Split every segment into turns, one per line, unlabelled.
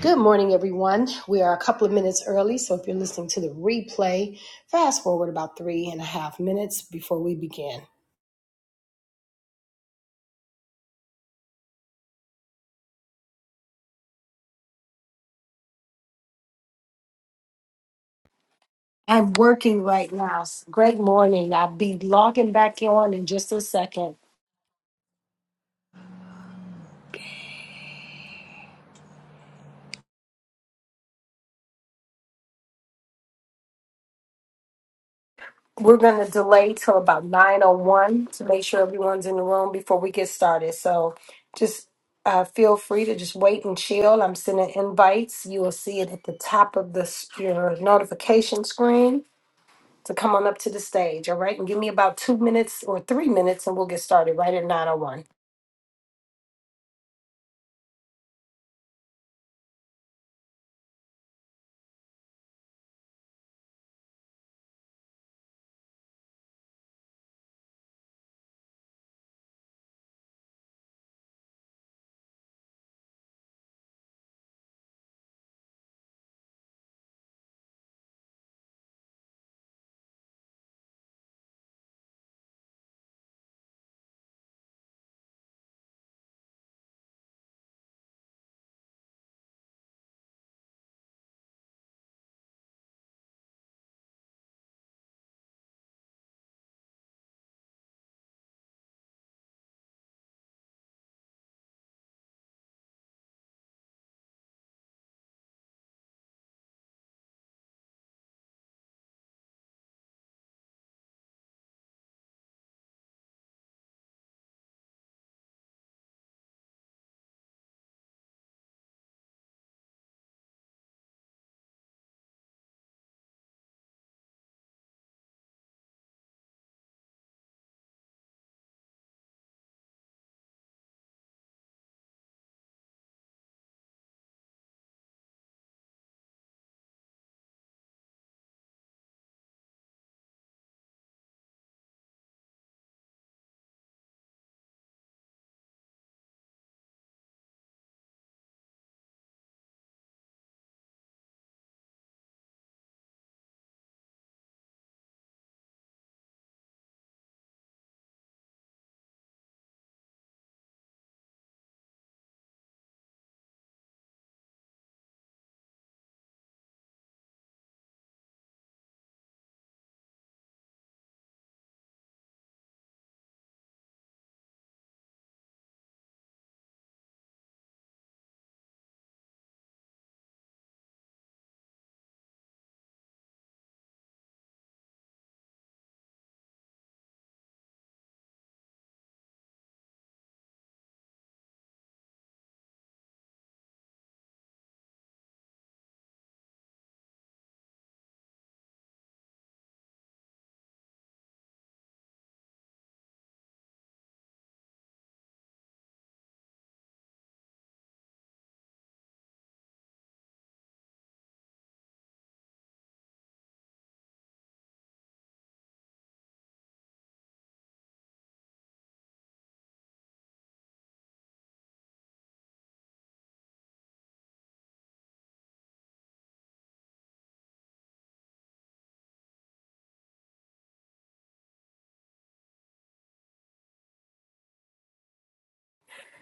Good morning, everyone. We are a couple of minutes early, so if you're listening to the replay, fast forward about three and a half minutes before we begin. I'm working right now. Great morning. I'll be logging back on in just a second. We're going to delay till about 9.01 to make sure everyone's in the room before we get started. So just uh, feel free to just wait and chill. I'm sending invites. You will see it at the top of the, your notification screen. to come on up to the stage, all right? And give me about two minutes or three minutes and we'll get started right at 901.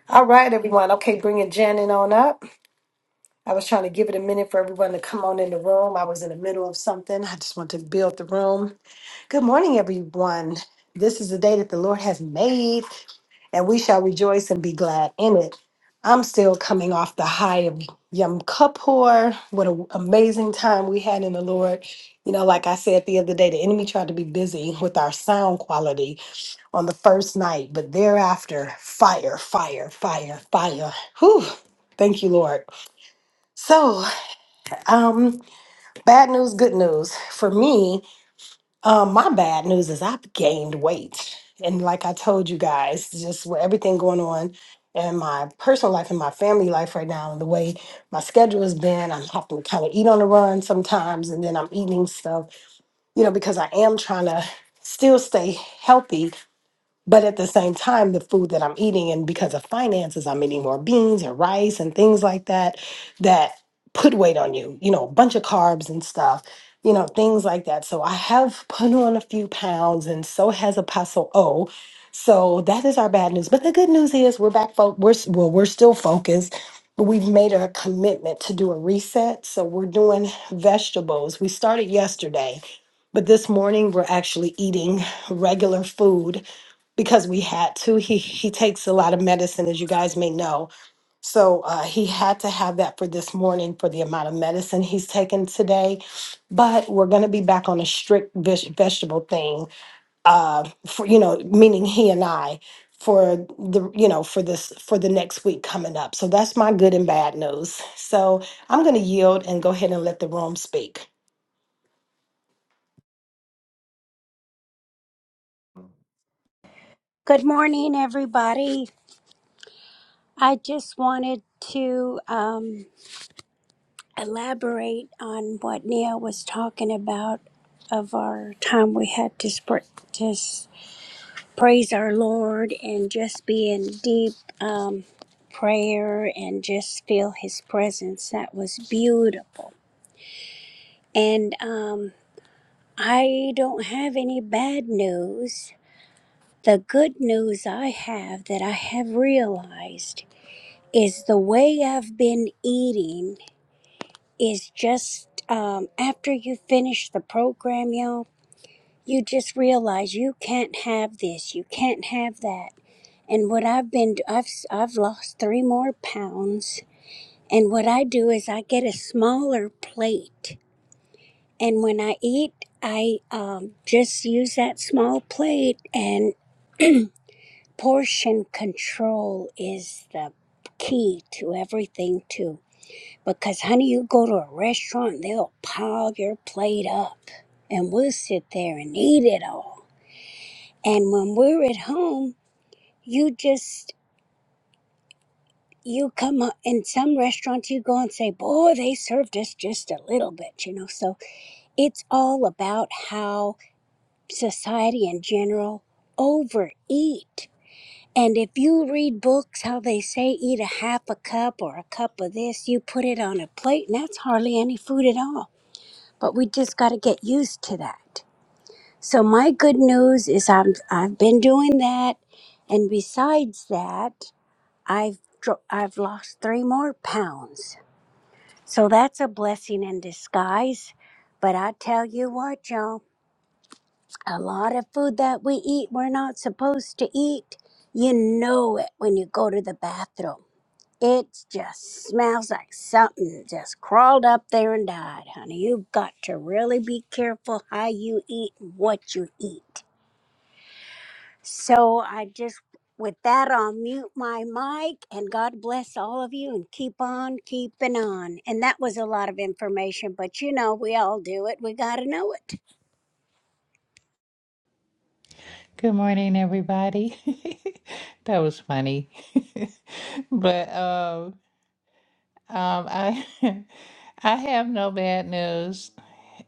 All right, everyone. Okay, bringing Janet on up. I was trying to give it a minute for everyone to come on in the room. I was in the middle of something. I just want to build the room. Good morning, everyone. This is the day that the Lord has made. and we shall rejoice and be glad in it. I'm still coming off the high of Yom Kippur. What an amazing time we had in the Lord. You know, like I said the other day, the enemy tried to be busy with our sound quality on the first night, but thereafter, fire, fire, fire, fire. Whew. Thank you, Lord. So, um, bad news, good news. For me, um, my bad news is I've gained weight. And like I told you guys, just with everything going on in my personal life and my family life right now, and the way my schedule has been, I'm having to kind of eat on the run sometimes, and then I'm eating stuff, you know, because I am trying to still stay healthy but at the same time, the food that I'm eating, and because of finances, I'm eating more beans and rice and things like that that put weight on you, you know, a bunch of carbs and stuff, you know, things like that. So I have put on a few pounds, and so has Apostle O. So that is our bad news. But the good news is we're back, fo- we're, s- well, we're still focused. We've made a commitment to do a reset. So we're doing vegetables. We started yesterday, but this morning we're actually eating regular food because we had to. He he takes a lot of medicine, as you guys may know. So uh, he had to have that for this morning for the amount of medicine he's taken today. But we're going to be back on a strict veg- vegetable thing, uh, for you know, meaning he and I for the you know for this for the next week coming up. So that's my good and bad news. So I'm going to yield and go ahead and let the room speak.
Good morning, everybody. I just wanted to um, elaborate on what Neil was talking about of our time we had to sp- just praise our Lord and just be in deep um, prayer and just feel His presence. That was beautiful. And um, I don't have any bad news. The good news I have that I have realized is the way I've been eating is just um, after you finish the program, y'all, you just realize you can't have this, you can't have that. And what I've been, I've, i I've lost three more pounds. And what I do is I get a smaller plate. And when I eat, I um, just use that small plate, and portion control is the key to everything, too Because, honey, you go to a restaurant, they'll pile your plate up and we'll sit there and eat it all. And when we're at home, you just, you come up in some restaurants, you go and say, Boy, they served us just a little bit, you know. So it's all about how society in general overeat. And if you read books, how they say eat a half a cup or a cup of this, you put it on a plate, and that's hardly any food at all but we just got to get used to that. So my good news is I'm I've been doing that, and besides that, I've dro- I've lost three more pounds. So that's a blessing in disguise. But I tell you what, y'all, a lot of food that we eat we're not supposed to eat. You know it when you go to the bathroom it just smells like something just crawled up there and died, honey. You've got to really be careful how you eat and what you eat. So I just, with that, I'll mute my mic and God bless all of you and keep on keeping on. And that was a lot of information, but you know, we all do it. We got to know it.
Good morning, everybody. that was funny, but um, um, I I have no bad news,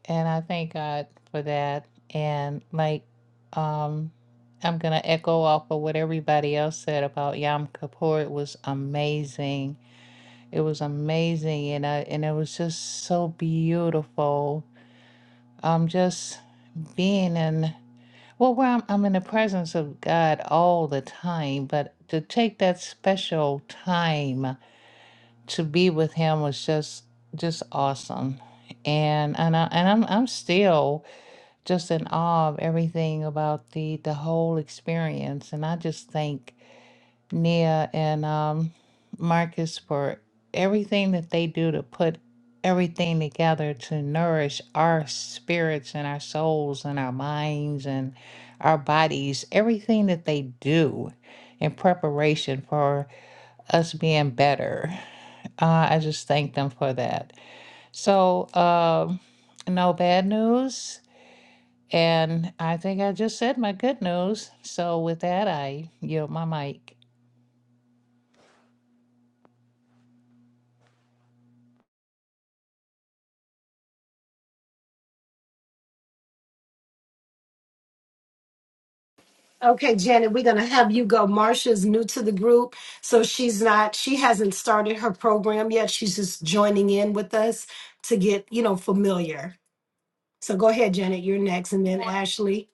and I thank God for that. And like, um, I'm gonna echo off of what everybody else said about Yom Kippur. It was amazing. It was amazing, and I, and it was just so beautiful. Um, just being in. Well, well, I'm, I'm in the presence of God all the time, but to take that special time to be with Him was just just awesome, and and I and I'm I'm still just in awe of everything about the the whole experience, and I just thank Nia and um, Marcus for everything that they do to put everything together to nourish our spirits and our souls and our minds and our bodies, everything that they do in preparation for us being better. Uh, I just thank them for that. So, um, no bad news. And I think I just said my good news. So, with that, I yield my mic.
Okay, Janet, we're going to have you go. Marsha's new to the group, so she's not, she hasn't started her program yet. She's just joining in with us to get, you know, familiar. So go ahead, Janet, you're next, and then
morning.
Ashley.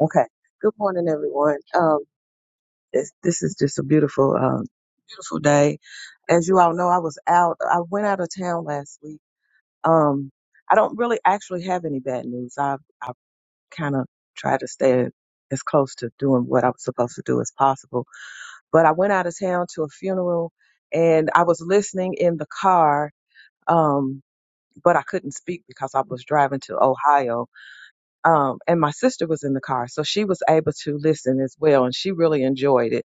Okay. Good morning, everyone. Um, it's, this is just a beautiful, um, beautiful day. As you all know, I was out. I went out of town last week. Um, I don't really actually have any bad news. I I kind of try to stay as close to doing what I was supposed to do as possible. But I went out of town to a funeral, and I was listening in the car. Um, but I couldn't speak because I was driving to Ohio um, and my sister was in the car, so she was able to listen as well, and she really enjoyed it.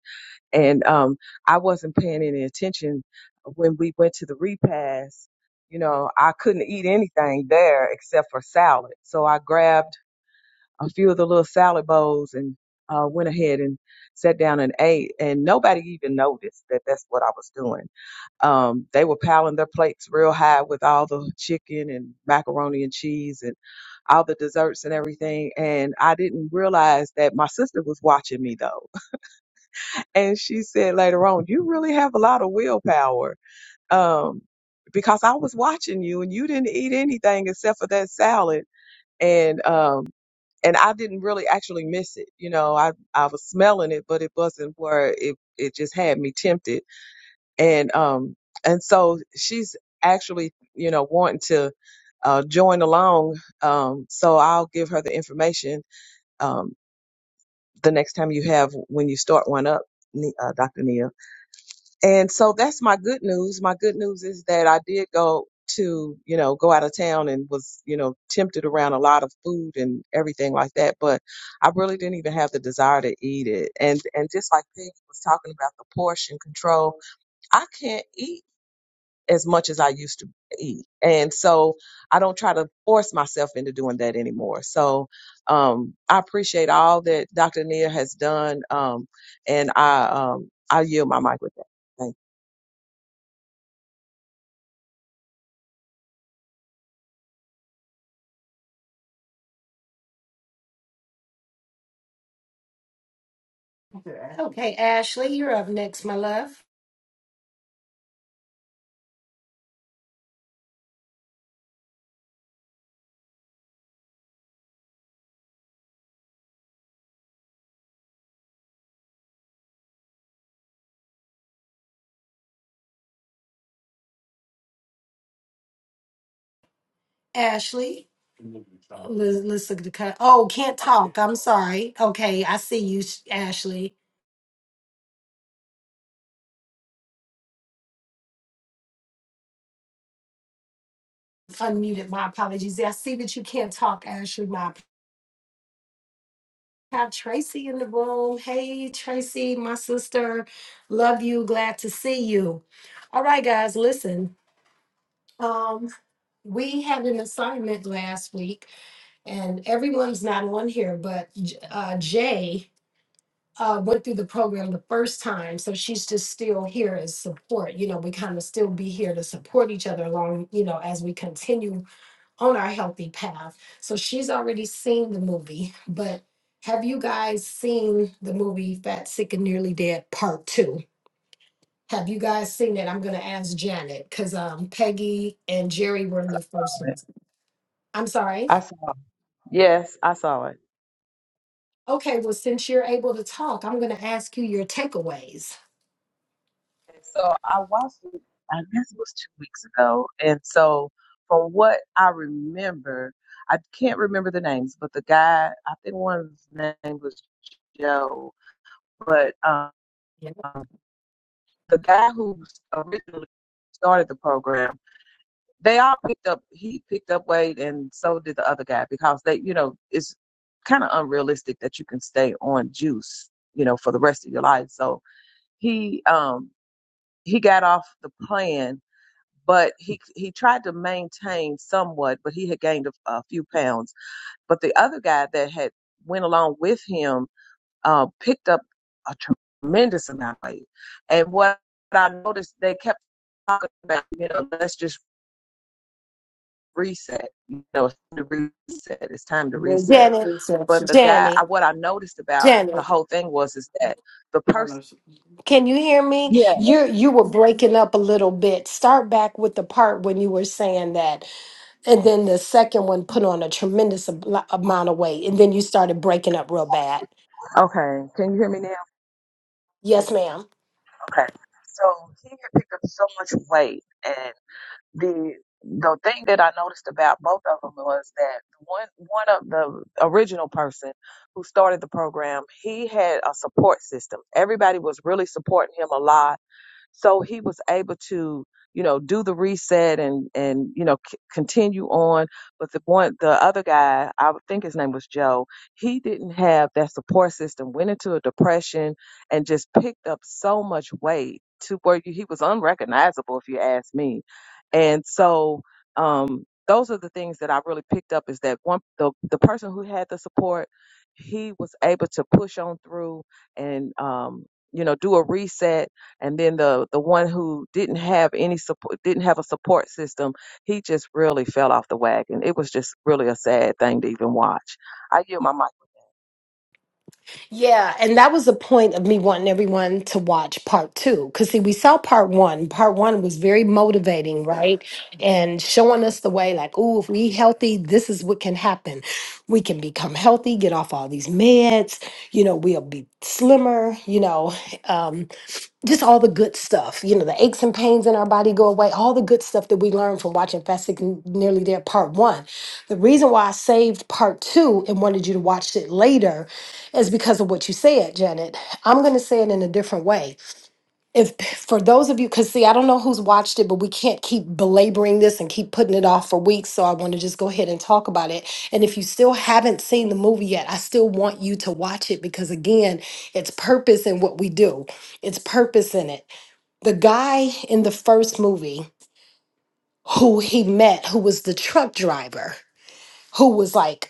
And um, I wasn't paying any attention when we went to the repast. You know, I couldn't eat anything there except for salad, so I grabbed a few of the little salad bowls and uh, went ahead and sat down and ate, and nobody even noticed that that's what I was doing um, they were piling their plates real high with all the chicken and macaroni and cheese and all the desserts and everything. And I didn't realize that my sister was watching me though. And she said later on, you really have a lot of willpower. Um, because I was watching you and you didn't eat anything except for that salad. And, um, and I didn't really actually miss it. You know, I, I was smelling it, but it wasn't where it, it just had me tempted and um and so she's actually you know wanting to uh join along um so i'll give her the information um the next time you have when you start one up Ne- uh, dr neil and so that's my good news my good news is that i did go to you know go out of town and was you know tempted around a lot of food and everything like that but i really didn't even have the desire to eat it and and just like peggy was talking about the portion control i can't eat as much as I used to eat. And so I don't try to force myself into doing that anymore. So um, I appreciate all that Dr. Nia has done. Um, and I, um, I yield my mic with that. Thank
Okay, Ashley, you're up next, my love. Ashley, let's, let's look at the cut. Oh, can't talk. I'm sorry. Okay, I see you, Ashley. Unmuted. My apologies. Yeah, I see that you can't talk, Ashley. My Have Tracy in the room. Hey, Tracy, my sister. Love you. Glad to see you. All right, guys, listen. Um, we had an assignment last week, and everyone's not on here, but J- uh, Jay uh, went through the program the first time, so she's just still here as support. You know, we kind of still be here to support each other along, you know, as we continue on our healthy path. So she's already seen the movie, but have you guys seen the movie Fat, Sick, and Nearly Dead Part Two? Have you guys seen it? I'm gonna ask Janet because um, Peggy and Jerry were in the first
you.
ones. I'm sorry.
I saw yes, I saw it.
Okay, well, since you're able to talk, I'm gonna ask you your takeaways.
So I watched it, I guess it was two weeks ago. And so from what I remember, I can't remember the names, but the guy, I think one of his name was Joe, but, um,
Yeah.
the guy who originally started the program, they all picked up. He picked up weight, and so did the other guy because they, you know, it's kind of unrealistic that you can stay on juice, you know, for the rest of your life. So he um he got off the plan, but he he tried to maintain somewhat, but he had gained a, a few pounds. But the other guy that had went along with him uh, picked up a tremendous amount of weight. And what I noticed, they kept talking about, you know, let's just reset. You know, it's time to reset. It's time to reset.
Janet,
But the guy, I,
Janet,
what I noticed about
Janet.
the whole thing was is that the person.
Can you hear me?
Yeah.
You you were breaking up a little bit. Start back with the part when you were saying that, and then the second one put on a tremendous ab- amount of weight, and then you started breaking up real bad.
Okay. Can you hear me now?
Yes, ma'am.
Okay. So he had picked up so much weight, and. the the thing that I noticed about both of them was that one one of the original person who started the program, he had a support system. Everybody was really supporting him a lot so he was able to, you know, do the reset and and you know c- continue on. But the one, the other guy, I would think his name was Joe. He didn't have that support system. Went into a depression and just picked up so much weight to where you, he was unrecognizable, if you ask me. And so, um, those are the things that I really picked up is that one the the person who had the support, he was able to push on through and um, you know do a reset and then the the one who didn't have any support didn't have a support system he just really fell off the wagon it was just really a sad thing to even watch i yield my mic
Yeah, and that was the point of me wanting everyone to watch part two. Because, see, we saw part one. Part one was very motivating, right? And showing us the way, like, oh, if we healthy, this is what can happen. We can become healthy, get off all these meds, you know, we'll be slimmer, you know. Um, just all the good stuff, you know, the aches and pains in our body go away, all the good stuff that we learned from watching Fast Sick and Nearly There Part One. The reason why I saved Part Two and wanted you to watch it later is because of what you said, Janet. I'm going to say it in a different way if for those of you because see i don't know who's watched it but we can't keep belaboring this and keep putting it off for weeks so i want to just go ahead and talk about it and if you still haven't seen the movie yet i still want you to watch it because again it's purpose in what we do it's purpose in it the guy in the first movie who he met who was the truck driver who was like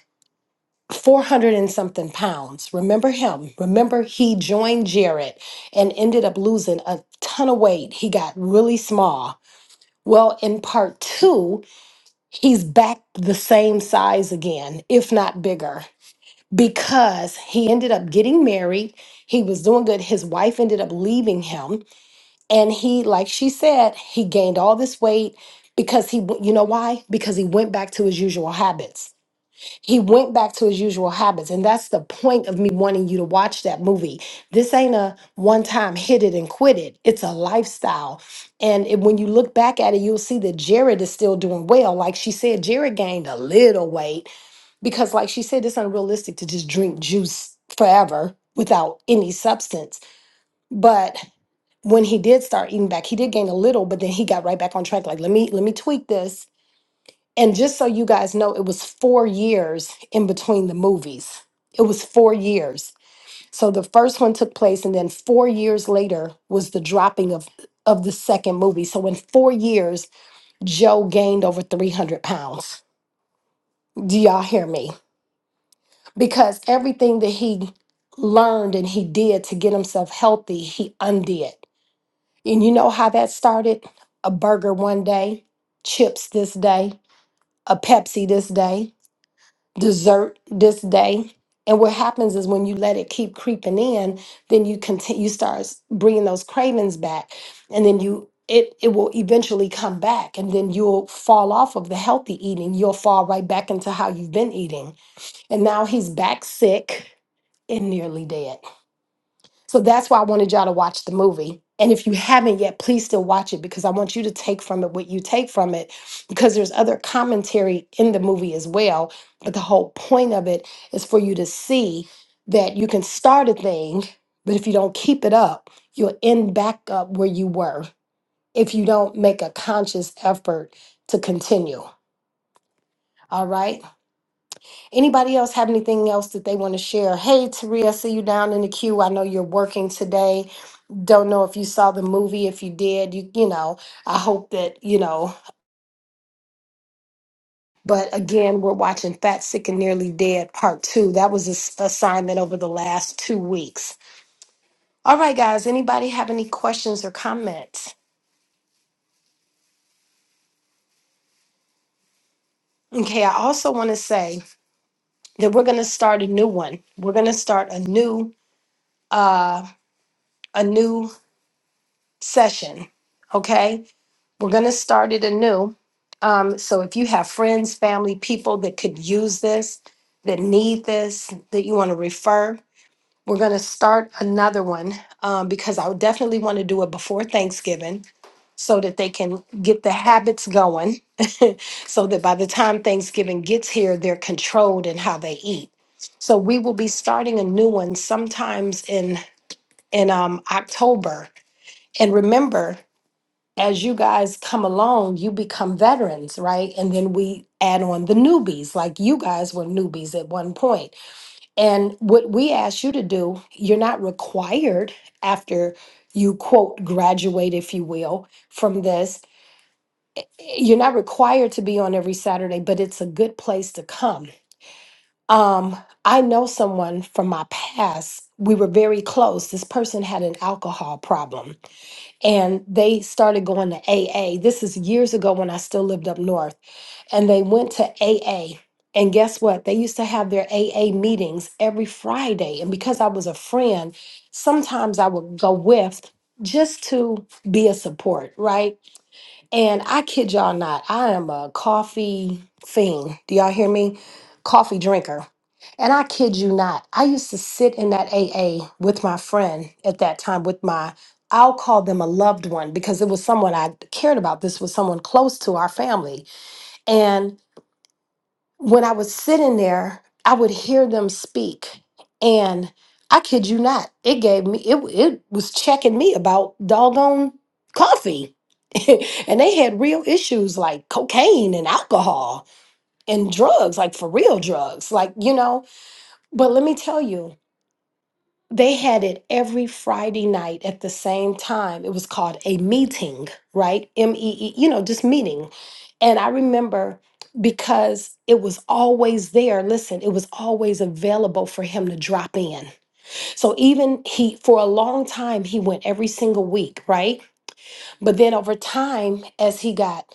400 and something pounds. Remember him. Remember he joined Jared and ended up losing a ton of weight. He got really small. Well, in part two, he's back the same size again, if not bigger, because he ended up getting married. He was doing good. His wife ended up leaving him. And he, like she said, he gained all this weight because he, you know why? Because he went back to his usual habits he went back to his usual habits. And that's the point of me wanting you to watch that movie. This ain't a one time hit it and quit it, it's a lifestyle. And it- when you look back at it, you'll see that Jared is still doing well. Like she said, Jared gained a little weight because, like she said, it's unrealistic to just drink juice forever without any substance. But when he did start eating back, he did gain a little, but then he got right back on track. Like, let me let me tweak this and just so you guys know, it was four years in between the movies. It was four years. So the first one took place, and then four years later was the dropping of, of the second movie. So in four years, Joe gained over 300 pounds. Do y'all hear me? Because everything that he learned and he did to get himself healthy, he undid. And you know how that started? A burger one day, chips this day, a Pepsi this day desert this day. And what happens is when you let it keep creeping in, then you continue, you start s- bringing those cravings back, and then you it it will eventually come back, and then you'll fall off of the healthy eating. You'll fall right back into how you've been eating, and now he's back sick and nearly dead. So that's why I wanted y'all to watch the movie. And if you haven't yet, please still watch it because I want you to take from it what you take from it because there's other commentary in the movie as well. But the whole point of it is for you to see that you can start a thing, but if you don't keep it up, you'll end back up where you were if you don't make a conscious effort to continue. All right. Anybody else have anything else that they want to share? Hey, Taria, I see you down in the queue. I know you're working today don't know if you saw the movie. If you did, you you know, I hope that you know. But again, we're watching Fat, Sick, and Nearly Dead Part Two. That was an assignment over the last two weeks. All right, guys. Anybody have any questions or comments? Okay. I also want to say that we're going to start a new one. We're going to start a new uh a new session. Okay. We're going to start it anew. Um, so if you have friends, family, people that could use this, that need this, that you want to refer, we're going to start another one um, because I would definitely want to do it before Thanksgiving so that they can get the habits going so that by the time Thanksgiving gets here, they're controlled in how they eat. So we will be starting a new one sometimes in in um, October. And remember, as you guys come along, you become veterans, right? And then we add on the newbies, like you guys were newbies at one point. And what we ask you to do, you're not required after you quote graduate, if you will, from this. You're not required to be on every Saturday, but it's a good place to come. Um, I know someone from my past. We were very close. This person had an alcohol problem and they started going to AA. This is years ago when I still lived up north, and they went to AA. And guess what? They used to have their AA meetings every Friday. And because I was a friend, sometimes I would go with just to be a support, right? And I kid y'all not, I am a coffee fiend. Do y'all hear me? Coffee drinker. And I kid you not, I used to sit in that AA with my friend at that time, with my, I'll call them a loved one because it was someone I cared about. This was someone close to our family when I was sitting there, I would hear them speak. And I kid you not, it gave me, it, it was checking me about doggone coffee. and they had real issues like cocaine and alcohol and drugs, like for real drugs, like, you know. But let me tell you, they had it every Friday night at the same time. It was called a meeting, right? M E E, you know, just meeting. And I remember because it was always there. Listen, it was always available for him to drop in. So even he, for a long time, he went every single week, right? But then over time, as he got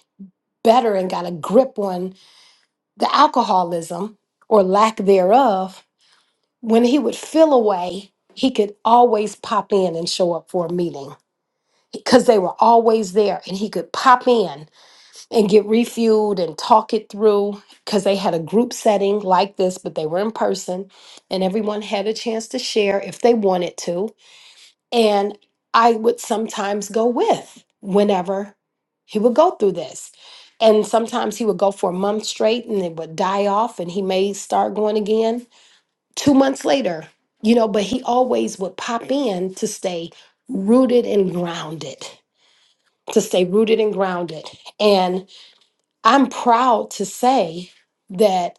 better and got a grip on the alcoholism or lack thereof, when he would feel away, he could always pop in and show up for a meeting because they were always there and he could pop in and get refueled and talk it through because they had a group setting like this but they were in person and everyone had a chance to share if they wanted to and i would sometimes go with whenever he would go through this and sometimes he would go for a month straight and it would die off and he may start going again two months later, you know, but he always would pop in to stay rooted and grounded, to stay rooted and grounded. And I'm proud to say that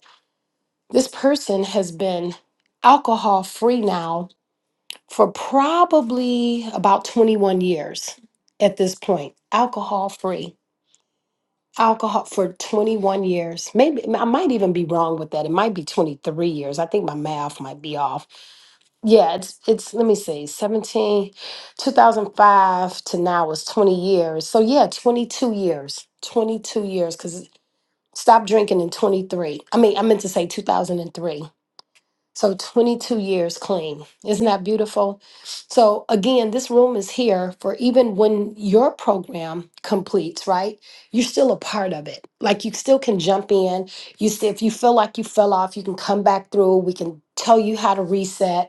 this person has been alcohol free now for probably about 21 years at this point, alcohol free. Alcohol for 21 years. Maybe I might even be wrong with that. It might be 23 years. I think my math might be off Yeah, it's it's let me see, 17, 2005 to now is 20 years. So yeah, 22 years. 22 years cuz stopped drinking in 23. I mean, I meant to say 2003. So 22 years clean. Isn't that beautiful? So again, this room is here for even when your program completes, right? You're still a part of it. Like you still can jump in. You still, if you feel like you fell off, you can come back through. We can tell you how to reset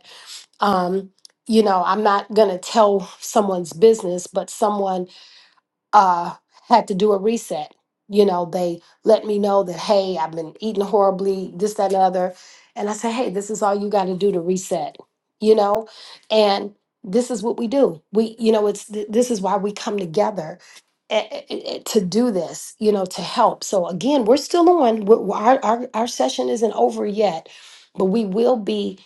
um, you know, I'm not going to tell someone's business, but someone uh, had to do a reset. You know, they let me know that, hey, I've been eating horribly, this, that, and the other. And I said, hey, this is all you got to do to reset, you know? And this is what we do. We, you know, it's th- this is why we come together a- a- a- to do this, you know, to help. So again, we're still on. We're, we're- our, our, our session isn't over yet, but we will be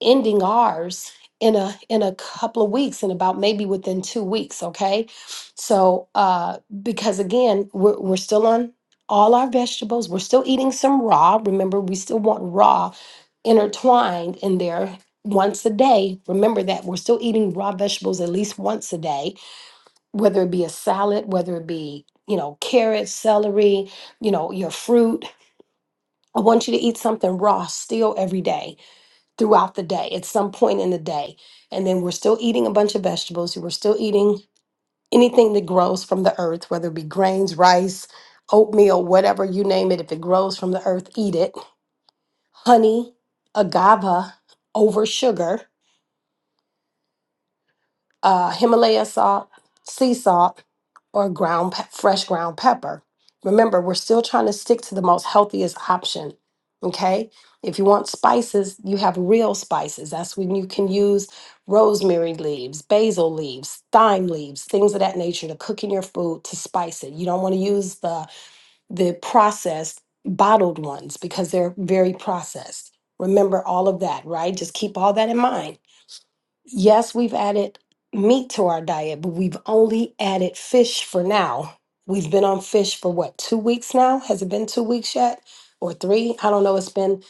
ending ours in a in a couple of weeks in about maybe within 2 weeks okay so, uh, because again, we're, we're still on all our vegetables. We're still eating some raw. Remember, we still want raw intertwined in there once a day. Remember that we're still eating raw vegetables at least once a day, whether it be a salad, whether it be, you know, carrots, celery, you know, your fruit. I want you to eat something raw still every day throughout the day at some point in the day. And then we're still eating a bunch of vegetables. We're still eating anything that grows from the earth, whether it be grains, rice, oatmeal, whatever you name it, if it grows from the earth, eat it. Honey, agave over sugar. uh, Himalaya salt, sea salt, or ground pe- fresh ground pepper. Remember, we're still trying to stick to the most healthiest option. Okay, if you want spices, you have real spices. That's when you can use rosemary leaves, basil leaves, thyme leaves, things of that nature to cook in your food to spice it. You don't want to use the the processed bottled ones because they're very processed. Remember all of that, right? Just keep all that in mind Yes, we've added meat to our diet, but we've only added fish for now. We've been on fish for what, two weeks now? Has it been two weeks yet? Or three? I don't know. It's been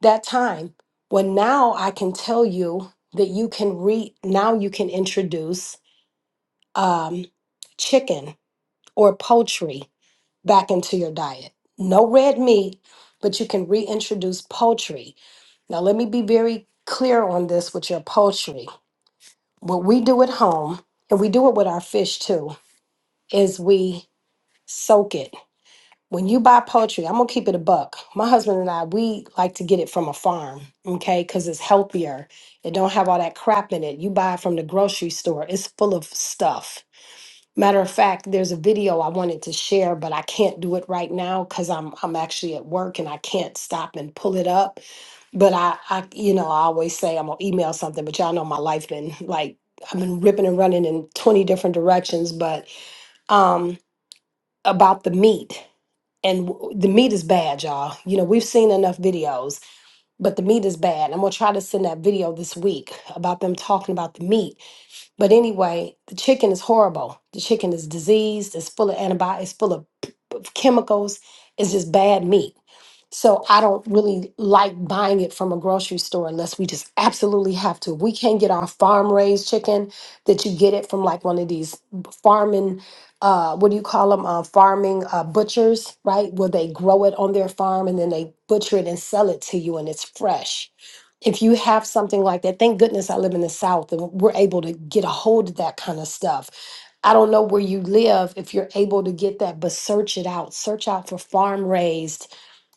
that time. Well, now I can tell you that you can re now you can introduce um, chicken or poultry back into your diet. No red meat, but you can reintroduce poultry. Now, let me be very clear on this with your poultry what we do at home, and we do it with our fish too, is we soak it. When you buy poultry, I'm gonna keep it a buck. My husband and I, we like to get it from a farm, okay? Because it's healthier. It don't have all that crap in it. You buy it from the grocery store. It's full of stuff. Matter of fact, there's a video I wanted to share, but I can't do it right now because I'm I'm actually at work and I can't stop and pull it up but I, I, you know, I always say I'm gonna email something, but y'all know my life been like I've been ripping and running in 20 different directions. But um, about the meat and w- the meat is bad, y'all. You know, we've seen enough videos, but the meat is bad. I'm gonna try to send that video this week about them talking about the meat. But anyway, the chicken is horrible. The chicken is diseased. It's full of antibiotics, of chemicals is just bad meat. So I don't really like buying it from a grocery store unless we just absolutely have to. We can't get our farm raised chicken that you get it from like one of these farming, uh, what do you call them? Uh, farming uh, butchers, right? Where they grow it on their farm and then they butcher it and sell it to you and it's fresh. If you have something like that, thank goodness I live in the South and we're able to get a hold of that kind of stuff I don't know where you live if you're able to get that, but search it out. Search out for farm raised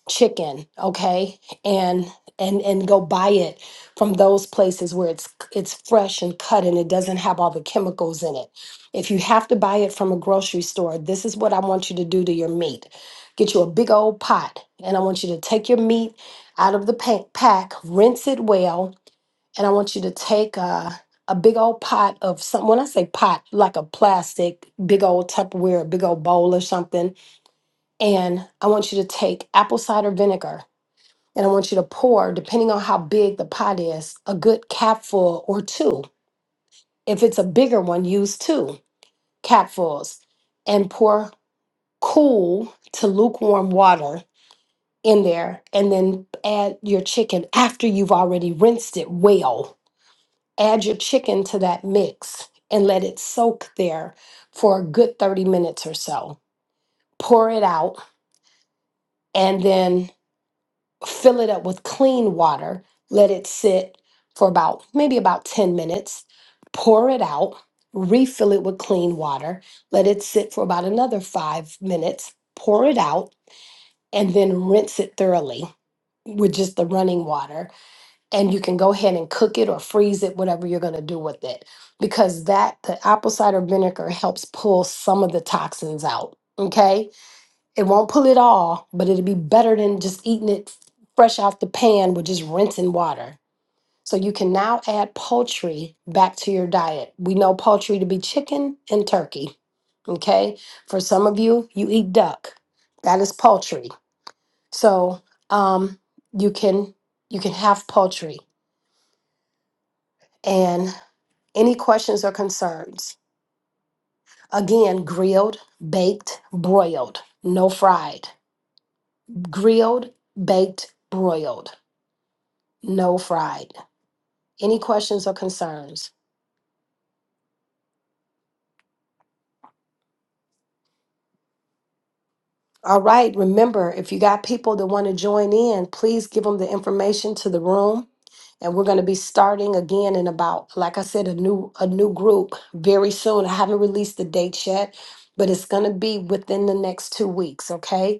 chicken, okay? And and and go buy it from those places where it's it's fresh and cut and it doesn't have all the chemicals in it. If you have to buy it from a grocery store, this is what I want you to do to your meat. Get you a big old pot and I want you to take your meat out of the pa- pack, rinse it well, and I want you to take a, a big old pot of some. When I say pot, like a plastic, big old Tupperware, a big old bowl or something. And I want you to take apple cider vinegar and I want you to pour, depending on how big the pot is, a good capful or two. If it's a bigger one, use two capfuls and pour cool to lukewarm water in there and then add your chicken after you've already rinsed it well add your chicken to that mix and let it soak there for a good 30 minutes or so. Pour it out and then fill it up with clean water. Let it sit for about maybe about 10 minutes. Pour it out, refill it with clean water. Let it sit for about another five minutes. Pour it out and then rinse it thoroughly with just the running water and you can go ahead and cook it or freeze it, whatever you're going to do with it, because that the apple cider vinegar helps pull some of the toxins out. Okay, it won't pull it all, but it'll be better than just eating it fresh out the pan with just rinsing water. So you can now add poultry back to your diet. We know poultry to be chicken and turkey. Okay, for some of you, you eat duck. That is poultry. So um, you can you can have poultry and. Any questions or concerns? Again, grilled, baked, broiled, no fried. Grilled, baked, broiled, no fried. Any questions or concerns? All right, remember if you got people that want to join in, please give them the information to the room. And we're going to be starting again in about, like I said, a new a new group very soon. I haven't released the dates yet, but it's going to be within the next two weeks. Okay,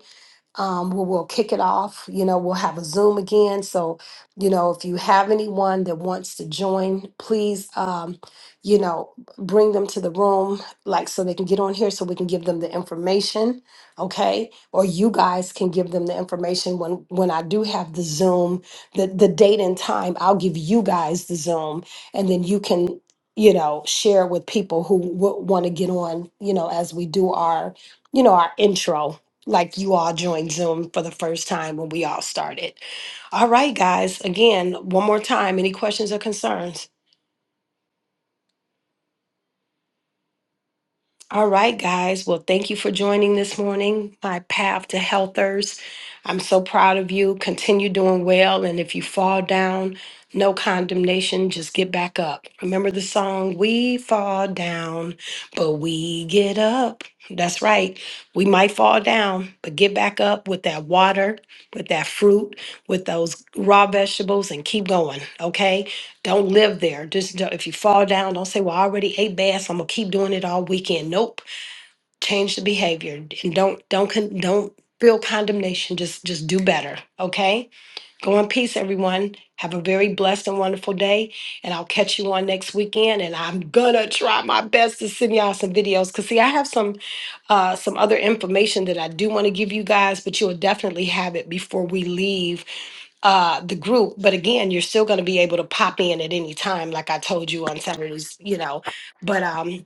um, where we'll kick it off. You know, we'll have a Zoom again. So, you know, if you have anyone that wants to join, please, um, you know, bring them to the room, like so they can get on here so we can give them the information. Okay. Or you guys can give them the information when, when I do have the Zoom, the, the date and time, I'll give you guys the Zoom and then you can, you know, share with people who w- want to get on, you know, as we do our, you know, our intro like you all joined Zoom for the first time when we all started. All right, guys, again, one more time, any questions or concerns? All right, guys. Well, thank you for joining this morning, my path to healthers. I'm so proud of you. Continue doing well. And if you fall down, no condemnation, just get back up. Remember the song, We Fall Down, but We Get Up. That's right. We might fall down, but get back up with that water, with that fruit, with those raw vegetables, and keep going, okay? Don't live there. Just don't, if you fall down, don't say, "Well, I already ate bass. I'm gonna keep doing it all weekend." Nope. Change the behavior and don't don't con- don't feel condemnation. Just just do better. Okay. Go in peace, everyone. Have a very blessed and wonderful day. And I'll catch you on next weekend. And I'm gonna try my best to send y'all some videos. Cause see, I have some uh some other information that I do want to give you guys, but you'll definitely have it before we leave uh the group. But again, you're still gonna be able to pop in at any time, like I told you on Saturdays, you know. But um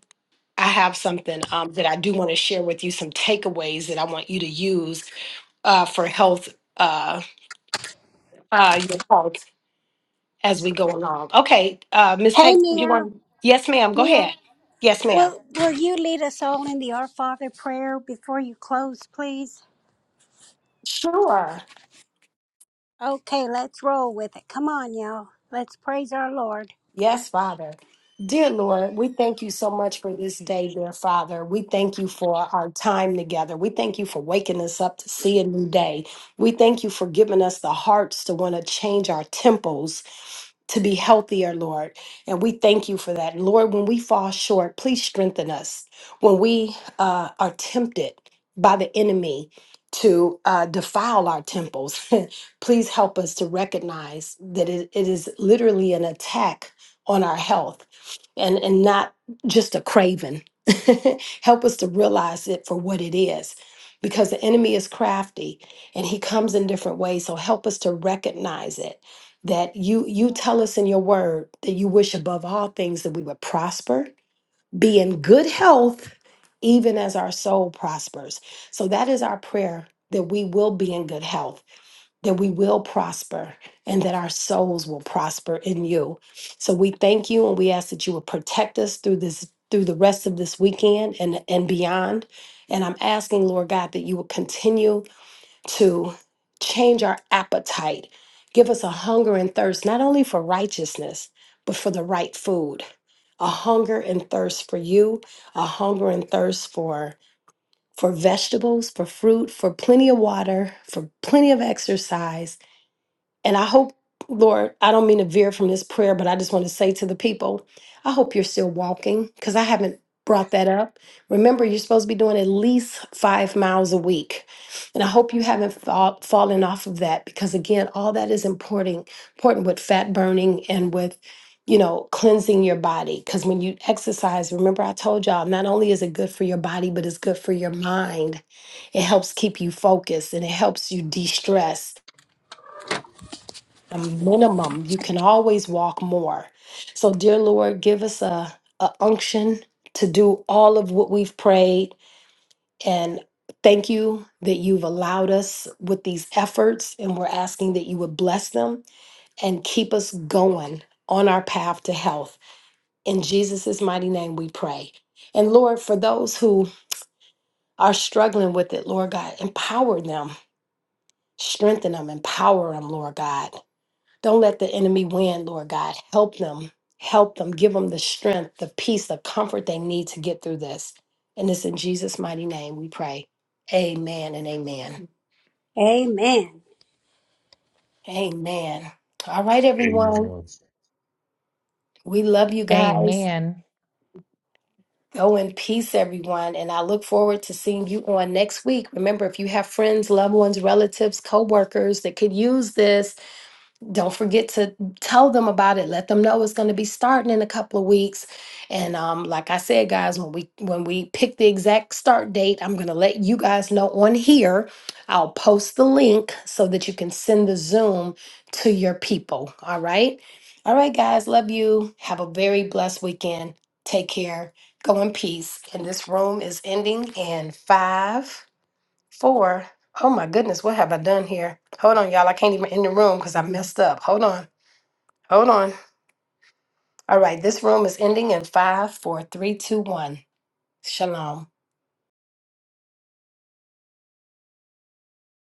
I have something um, that I do want to share with you, some takeaways that I want you to use uh, for health, uh, uh, your health as we go along. Okay, uh, Ms.
Hey,
Peggy, you
Mia.
want, yes, ma'am, go
Mia.
ahead. Yes, ma'am.
Will, will you lead us all in the Our Father prayer before you close, please?
Sure.
Okay, let's roll with it. Come on, y'all. Let's praise our Lord.
Yes, Father. Dear Lord, we thank you so much for this day, dear Father. We thank you for our time together. We thank you for waking us up to see a new day. We thank you for giving us the hearts to want to change our temples to be healthier, Lord. And we thank you for that. Lord, when we fall short, please strengthen us. When we uh, are tempted by the enemy to uh, defile our temples, please help us to recognize that it it is literally an attack on our health and and not just a craving help us to realize it for what it is because the enemy is crafty and he comes in different ways so help us to recognize it that you you tell us in your word that you wish above all things that we would prosper be in good health even as our soul prospers so that is our prayer that we will be in good health that we will prosper and that our souls will prosper in you. So we thank you and we ask that you will protect us through this through the rest of this weekend and and beyond. And I'm asking Lord God that you will continue to change our appetite. Give us a hunger and thirst not only for righteousness, but for the right food. A hunger and thirst for you, a hunger and thirst for for vegetables, for fruit, for plenty of water, for plenty of exercise and I hope, Lord, I don't mean to veer from this prayer, but I just want to say to the people, I hope you're still walking because I haven't brought that up. Remember, you're supposed to be doing at least five miles a week. And I hope you haven't fall, fallen off of that because, again, all that is important, important with fat burning and with. You know, cleansing your body. Because when you exercise, remember I told y'all, not only is it good for your body, but it's good for your mind. It helps keep you focused and it helps you de stress a minimum. You can always walk more. So, dear Lord, give us a, a unction to do all of what we've prayed. And thank you that you've allowed us with these efforts. And we're asking that you would bless them and keep us going on our path to health. In Jesus' mighty name, we pray. And Lord, for those who are struggling with it, Lord God, empower them, strengthen them, empower them, Lord God. Don't let the enemy win, Lord God. Help them. Help them. Give them the strength, the peace, the comfort they need to get through this. And it's in Jesus' mighty name we pray. Amen and amen.
Amen.
Amen. All right, everyone.
Amen.
We love you guys.
Amen.
Go in peace, everyone. And I look forward to seeing you on next week. Remember, if you have friends, loved ones, relatives, co workers that could use this, don't forget to tell them about it let them know it's going to be starting in a couple of weeks and um, like i said guys when we when we pick the exact start date i'm going to let you guys know on here i'll post the link so that you can send the zoom to your people all right all right guys love you have a very blessed weekend take care go in peace and this room is ending in five Four. Oh my goodness, what have I done here? Hold on, y'all. I can't even end the room because I messed up. Hold on. Hold on. All right, this room is ending in five, four, three, two, one. Shalom.